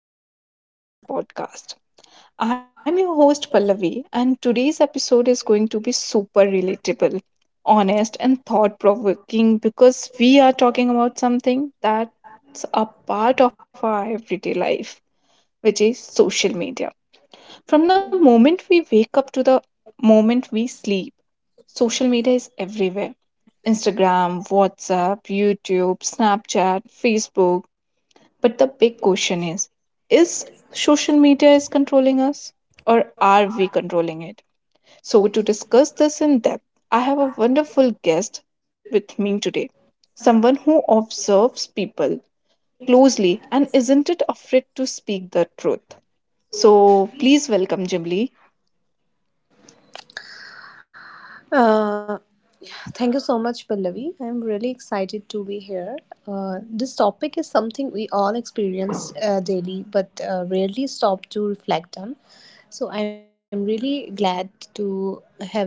welcome back to my podcast. I'm your host, Pallavi, and today's episode is going to be super relatable, honest, and thought provoking because we are talking about something that's a part of our everyday life, which is social media. From the moment we wake up to the moment we sleep, social media is everywhere — Instagram, WhatsApp, YouTube, Snapchat, Facebook — but the big question is, social media is controlling us, or are we controlling it? So to discuss this in depth, I have a wonderful guest with me today. Someone who observes people closely and isn't it afraid to speak the truth. So please welcome Jimli. Uh, Thank you so much, Pallavi. I'm really excited to be here. This topic is something we all experience daily, but rarely stop to reflect on. So I'm really glad to having me.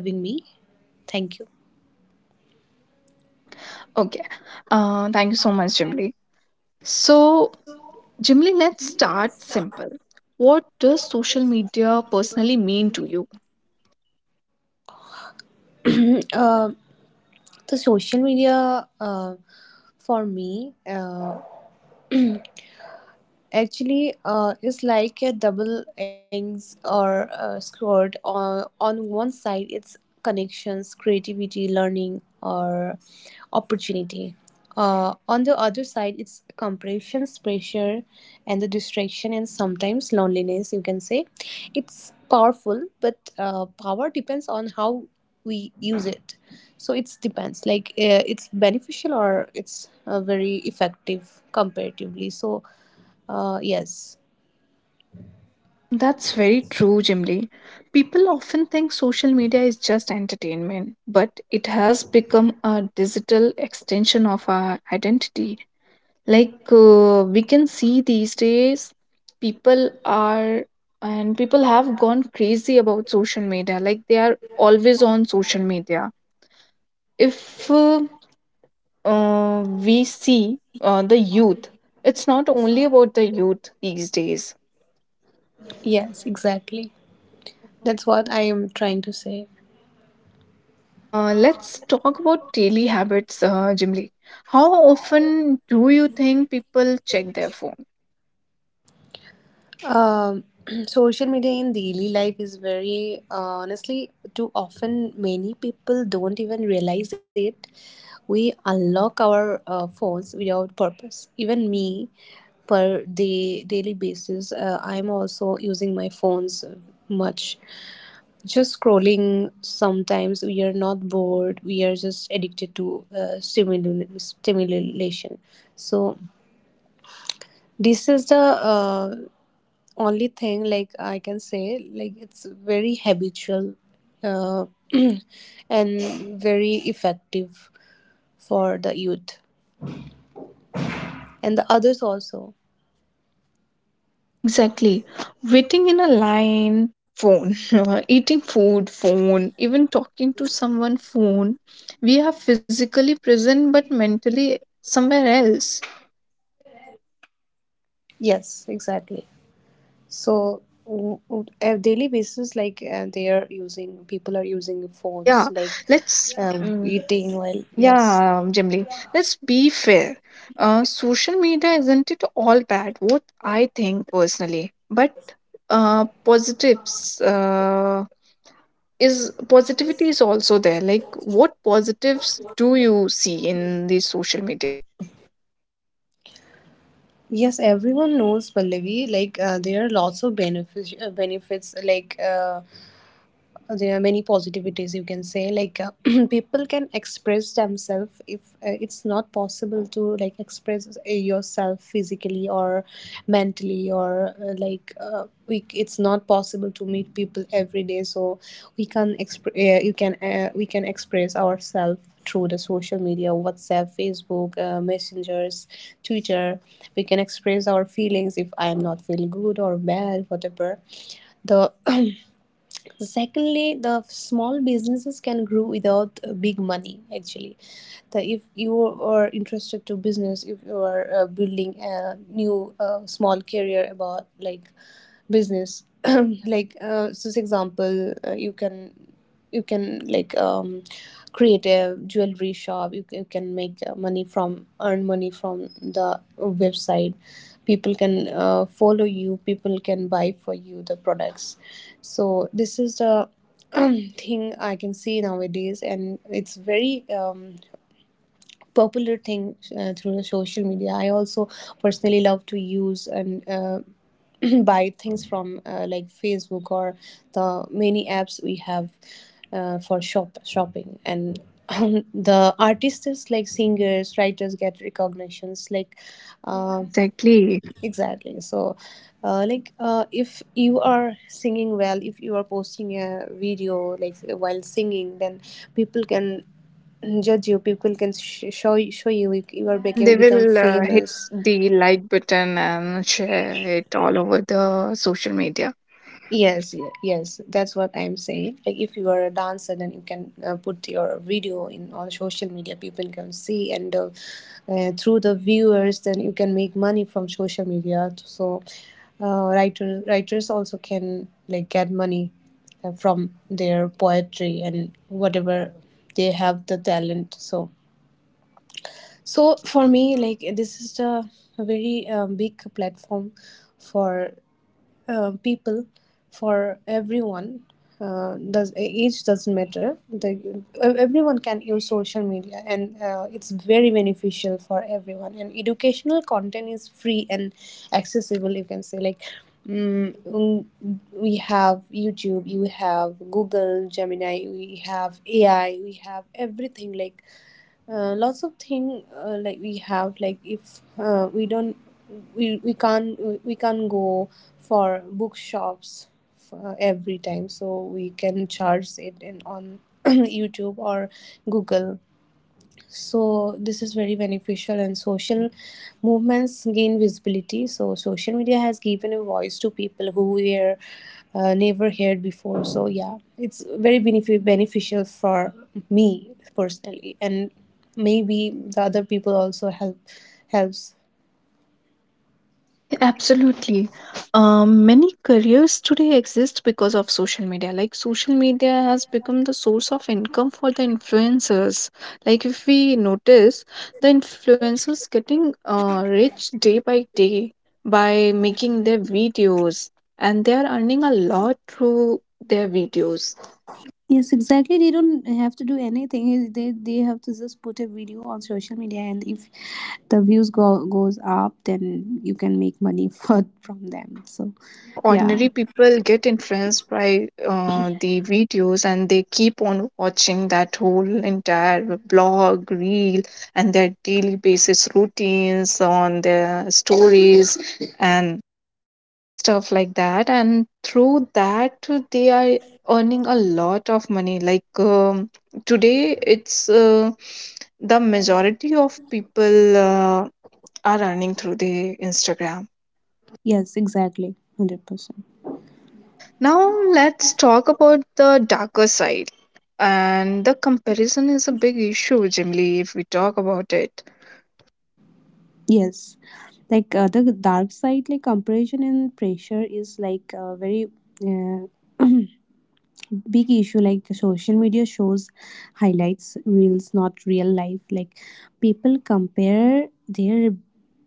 Thank you. Okay. Thank you so much, Jimly. So, Jimly, let's start simple. What does social media personally mean to you? Uh, the social media for me. Actually is like a double ends or scored on, one side it's connections, creativity, learning or opportunity, on the other side it's compressions, pressure and the distraction and sometimes loneliness, you can say. It's powerful, but power depends on how we use it. So it's depends like it's beneficial or it's very effective comparatively. So yes, Oh, that's very true, Jimly. People often think social media is just entertainment, but it has become a digital extension of our identity. Like we can see these days, people are and people have gone crazy about social media. Like they are always on social media. If We see the youth, it's not only about the youth these days. yes, exactly. That's what I am trying to say. Let's talk about daily habits, Jimli. How often do you think people check their phone? Um, social media in daily life is very honestly too often, many people don't even realize it. We unlock our phones without purpose. Even me, per day daily basis, I'm also using my phones much. Just scrolling. Sometimes we are not bored. We are just addicted to stimulation. Stimulation. So this is the only thing, like I can say like it's very habitual, uh, and very effective for the youth and the others also. Exactly. Waiting in a line, phone. Eating food, phone. Even talking to someone, phone. We are physically present but mentally somewhere else. Yes, exactly. So a daily basis, like they are using, people are using phones like Yeah. Let's. eating while, yes. Yeah, Jimli, let's be fair. Social media isn't it all bad, what I think personally, but positives is positivity is also there. Like, what positives do you see in the social media? Yes, everyone knows, Pallavi, like there are lots of benefits, benefits like there are many positivities, you can say. Like people can express themselves if it's not possible to like express yourself physically or mentally or like we it's not possible to meet people every day, so we can exp- you can, we can express ourselves through the social media, WhatsApp, Facebook, messengers twitter. We can express our feelings if I am not feeling good or bad, whatever. The Secondly, the small businesses can grow without big money, actually. If you are interested to business, if you are building a new small career about like business, like so for example, you can, like create a jewelry shop. You can make money from earn money from the website. People can follow you, people can buy for you the products. So this is the thing I can see nowadays, and it's very popular thing through the social media. I also personally love to use and buy things from like Facebook or the many apps we have for shopping and. The artists like singers, writers get recognitions like Yeah, um exactly. exactly. So like if you are singing well, if you are posting a video like while singing, then people can judge you, people can show you, you are Yeah, and they become will hit famous. the like button and share it all over the social media. Yes, yes, that's what I'm saying. Like, if you are a dancer, then you can put your video in on social media. People can see, and through the viewers, then you can make money from social media. So, writers also can like get money from their poetry and whatever they have the talent. So, so for me, like this is the very big platform for people for everyone. Does Age doesn't matter. Everyone can use social media and it's very beneficial for everyone, and educational content is free and accessible, you can say. Like mm, mm, we have YouTube, you have Google Gemini, we have AI, we have everything. Like lots of thing, like we have, like if we can't go for bookshops for every time, so we can charge it in on YouTube or Google. So this is very beneficial, and social movements gain visibility. So social media has given a voice to people who were never heard before. So yeah, it's very beneficial for me personally, and maybe the other people also help, helps. Absolutely. Many careers today exist because of social media. Like, social media has become the source of income for the influencers. Like, if we notice, the influencers getting rich day by day by making their videos, and they are earning a lot through their videos. Yes, exactly. They don't have to do anything. They have to just put a video on social media, and if the views go goes up, then you can make money for from them. So, Yeah, the ordinary yeah. people get influenced by the videos, and they keep on watching that whole entire blog reel and their daily basis routines on their stories and stuff like that, and through that they are earning a lot of money. Like today it's the majority of people are earning through the Instagram. Yes, exactly. 100%. Yeah. Now let's talk about the darker side. And the comparison is a big issue, generally, if we talk about it. Yes. Like the dark side, like comparison and pressure is like a very uh, big issue. Like the social media shows highlights, reels, not real life. Like people compare their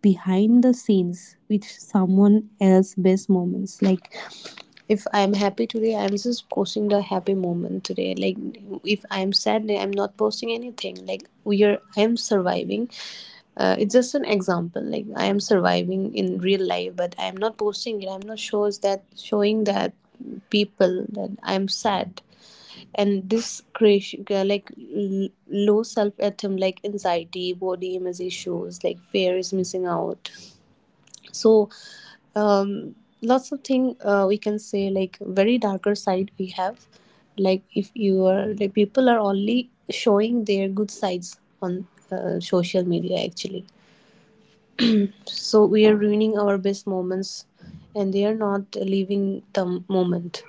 behind the scenes with someone else's best moments. Like if I'm happy today, I'm just posting the happy moment today. Like if I'm sad, then I'm not posting anything. Like we are, I am surviving. It's just an example. Like I am surviving in real life, but I am not posting it. I'm not shows that showing that people that I'm sad, and this creation like low self esteem, like anxiety, body image issues, like fear is missing out. So um, lots of thing, we can say like very darker side we have. Like if you are like people are only showing their good sides on social media, actually. So we are ruining our best moments, and they are not living the moment.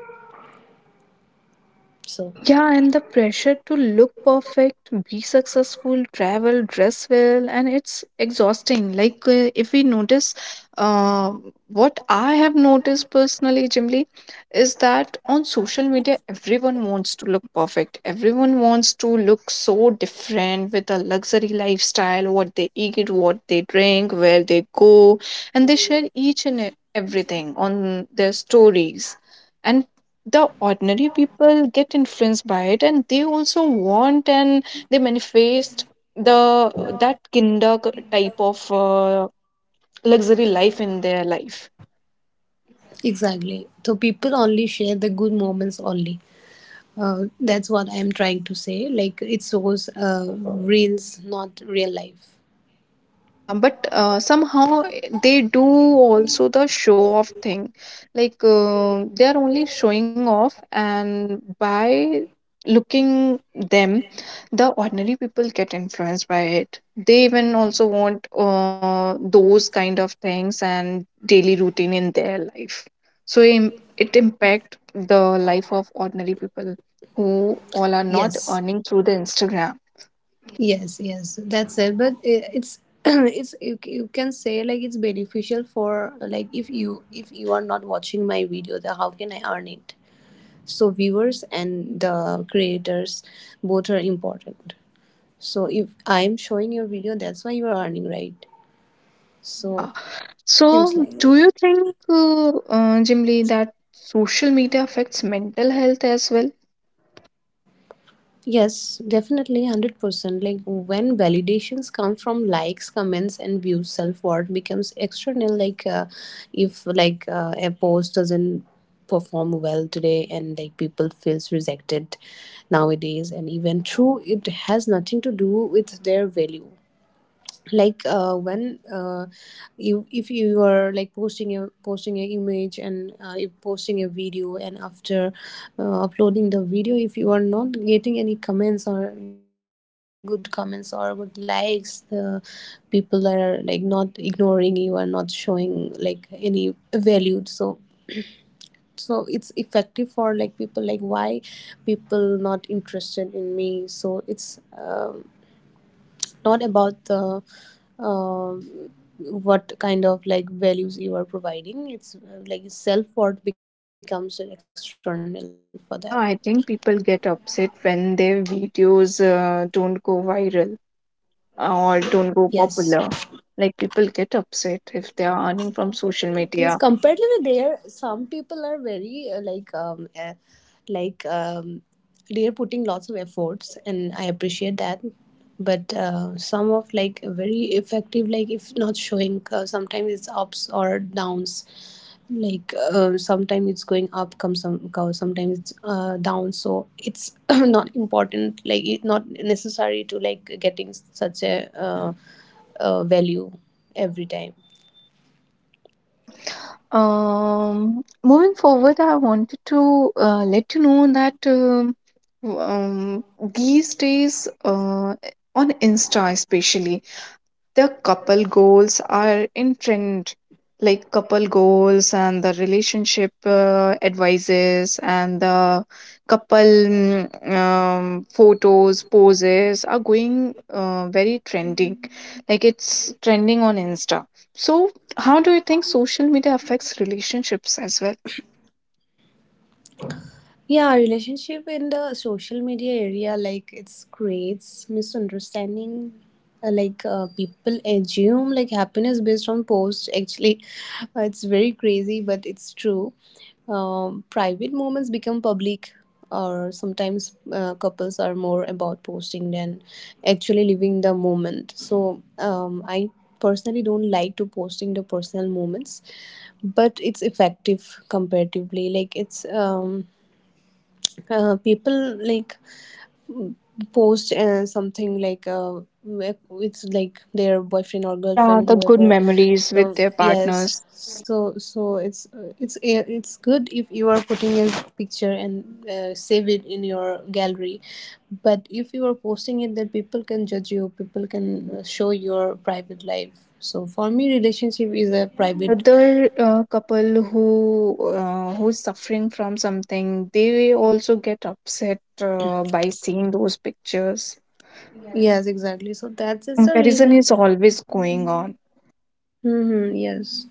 So Yeah, and the pressure to look perfect, be successful, travel, dress well, and it's exhausting. Like, if we notice, uh, what I have noticed personally, Jimly, is that on social media, everyone wants to look perfect. Everyone wants to look so different with a luxury lifestyle — what they eat, what they drink, where they go — and they share each and everything on their stories. And the ordinary people get influenced by it, and they also want, and they manifest the — that kinder type of luxury life in their life. exactly, so people only share the good moments only. That's what I'm trying to say. Like it shows reels, not real life. Yeah, but somehow, eh, they do also the show off thing. Like they are only showing off, and by looking them, the ordinary people get influenced by it. They even also want those kind of things and daily routine in their life. So it impact the life of ordinary people who all are not Yes. earning through the Instagram. Yes, yes, that's it. But it's it's you, you can say like it's beneficial for, like if you, if you are not watching my video, then how can I earn it? So viewers and the creators, both are important. So if I'm showing your video, that's why you are earning, right? Yeah. So seems So, like. do you think, Jimli, that social media affects mental health as well? Yes, definitely 100%. Like when validations come from likes, comments, and views, self worth becomes external. Like if like a post doesn't perform well today, and like people feels rejected nowadays, and even true it has nothing to do with their value. Like when you, if you are like posting an image, and if posting a video, and after uploading the video, if you are not getting any comments or good likes, the people are like not ignoring you and not showing like any value. So so it's effective for like people like, why people not interested in me? So it's not about the uh, what kind of like values you are providing. It's like self worth becomes external for them. Yeah, I think people get upset when their videos don't go viral or don't go Yes. popular. Like, people get upset if they are earning from social Yes, media. compared to there, some people are very like they are putting lots of efforts, and I appreciate that. But some of like very effective, like if not showing, sometimes it's ups or downs. Like sometimes it's going up, come some go, sometimes it's down. So it's not important, like it not necessary to like getting such a value every time. Yeah. Moving forward, I wanted to let you know that w- um, these days, on Insta especially, the couple goals are in trend, like couple goals and the relationship advices, and the couple photos poses are going very trending. Like it's trending on Insta. So how do you think social media affects relationships as well? Yeah, relationship in the social media area, like it's creates misunderstanding. Like people assume like happiness based on posts. Actually, it's very crazy, but it's true. Private moments become public, or sometimes couples are more about posting than actually living the moment. So I personally don't like to posting the personal moments, but it's effective comparatively. Like it's people like post something like it's like their boyfriend or Yeah, girlfriend, the good whoever. memories with So their yes, partners, so so it's it's good if you are putting a picture and save it in your gallery. But if you are posting it, then people can judge you, people can show your private life. So for me relationship is a and the private. other couple who who's suffering from something, they also get upset by seeing those pictures. Yes, exactly, so The that's is the comparison reason. is always going on. Mm-hmm, yes.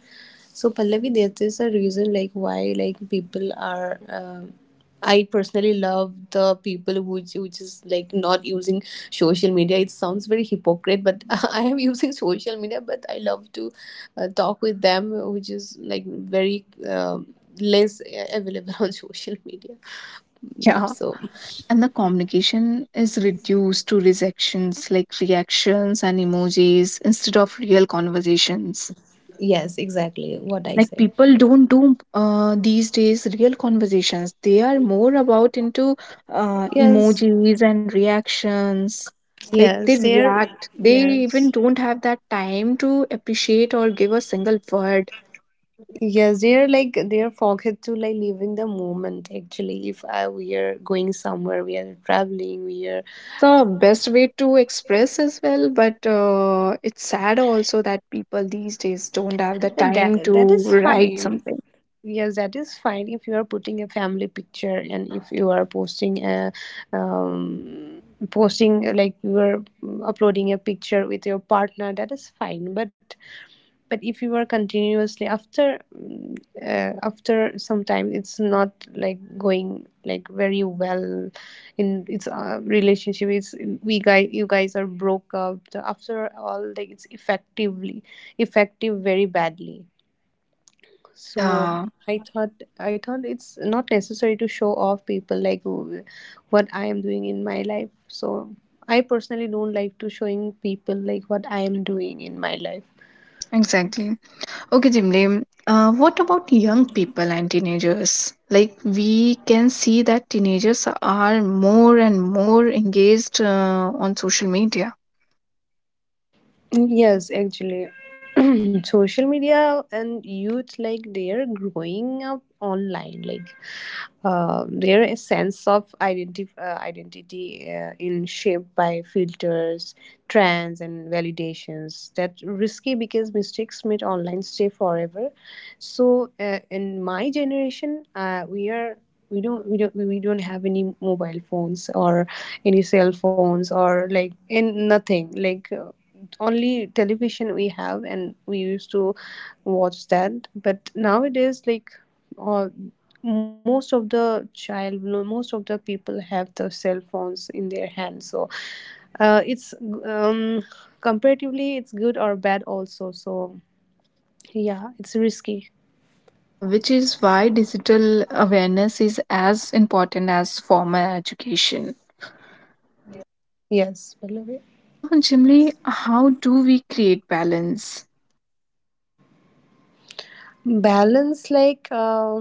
So Pallavi, there is a reason like why like people are. I personally love the people who which is like not using social media. It sounds very hypocrite, but I am using social media. But I love to talk with them, which is like very less available on social media. Yeah. So And the communication is reduced to rejections, like reactions and emojis instead of real conversations. yes, exactly what I Like, said. people don't do these days real conversations. They are more about into Yes, emojis and reactions. Like, they yes, there. react, they even Yes. don't have that time to appreciate or give a single word. Yes, they're like they're forget to like living the moment. Actually, if we are going somewhere, we are traveling, we are, Yeah, it's the best way to express as well, but it's sad also that people these days don't have the and time to that is write fine. something. Yes, that is fine if you are putting a family picture and if you are posting a um, posting like you are uploading a picture with your partner, that is fine. But if you are continuously after after some time it's not like going like very well in its relationship. It's we guys, you guys are broke up. After all, like it's effectively effective very badly. So Yeah, I thought it's not necessary to show off people like what I am doing in my life. So I personally don't like to showing people like what I am doing in my life. exactly. Okay, Jimli, what about young people and teenagers? Like, we can see that teenagers are more and more engaged on social media. Yes, actually, social media and youth, like they are growing up online. Like, their sense of identity in shaped by filters, trends, and validations. That risky because mistakes made online stay forever. So, in my generation, we are. We don't have any mobile phones or any cell phones or like in nothing like only television we have, and we used to watch that. But nowadays, like all most of the child, no, most of the people have the cell phones in their hands. So it's um, comparatively it's good or bad also. So yeah, it's risky. Yeah, which is why digital awareness is as important as formal education. Yes, Pallavi. So, Jimli, how do we create balance? Balance like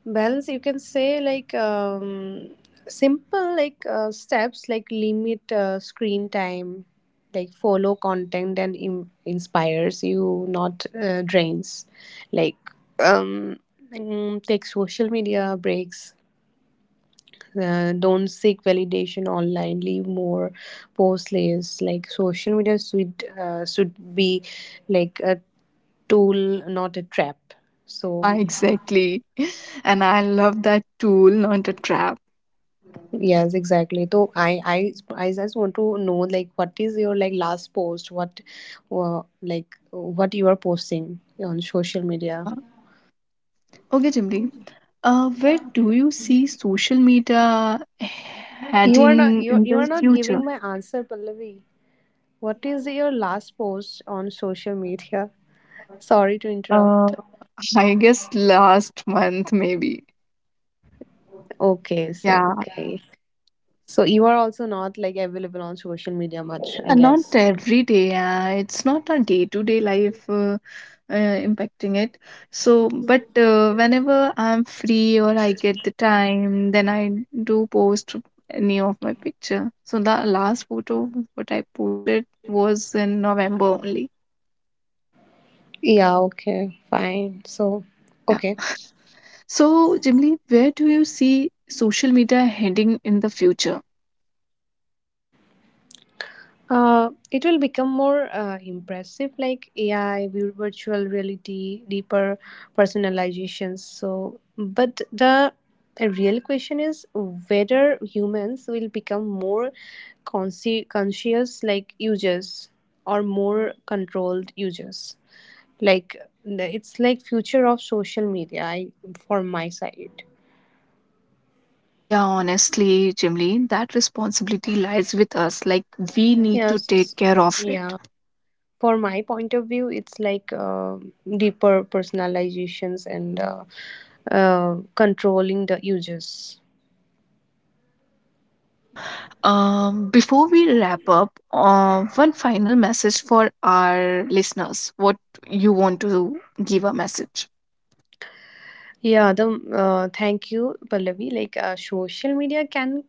balance, you can say, like simple like steps like limit screen time, like follow content and inspires you, not drains. Like um, take social media breaks. Don't seek validation online. Leave more, post less. Like social media should be like a tool, not a trap. So Yeah, exactly. And I love that — tool, not a trap. yes, exactly. So I just want to know like what is your like last post? What, like what you are posting on social media? Yeah. Okay, Jimli. Where do you see social media You are not, heading in you are the not giving future? my answer, Pallavi. Yeah. What is your last post on social media? Sorry to Uh, interrupt. I guess last month maybe. Okay, so Yeah. okay. So you are also not like available on social media much, I Yeah, not guess. every day. It's not a day-to-day life impacting it. So, but whenever I'm free or I get the time, then I do post any of my picture. So the last photo what I posted was in November only. Yeah, okay, fine. So, Yeah. okay. So, Jimly, where do you see social media heading in the future? It will become more impressive, like AI, virtual reality, deeper personalizations. So, but the real question is whether humans will become more conscious, like users, or more controlled users. Like it's like future of social media. I, for my side, Yeah, honestly, Jimly, that responsibility lies with us. Like, we need to take yes, care of it. yeah. For my point of view, it's like deeper personalizations and controlling the users. Yeah. Before we wrap up, one final message for our listeners. What you want to give a message? Yeah, the thank you, Pallavi. Like social media can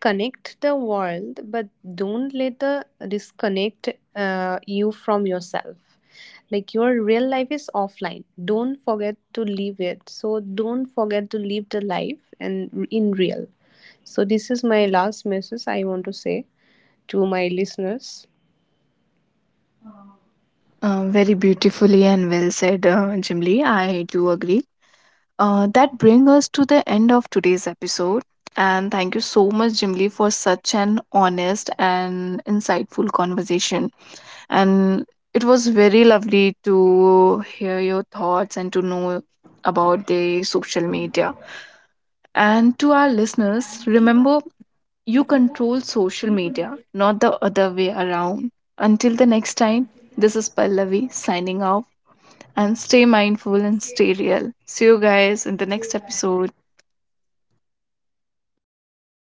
connect the world, but don't let the disconnect you from yourself. Like your real life is offline. Don't forget to live it. So don't forget to live the life and in real. So this is my last message I want to say to my listeners. Very beautifully and well said, Jim Lee. I do agree. That brings us to the end of today's episode. And thank you so much, Jim Lee, for such an honest and insightful conversation. And it was very lovely to hear your thoughts and to know about the social media. And to our listeners, remember, you control social media, not the other way around. Until the next time, this is Pallavi signing off, and stay mindful and stay real. See you guys in the next episode.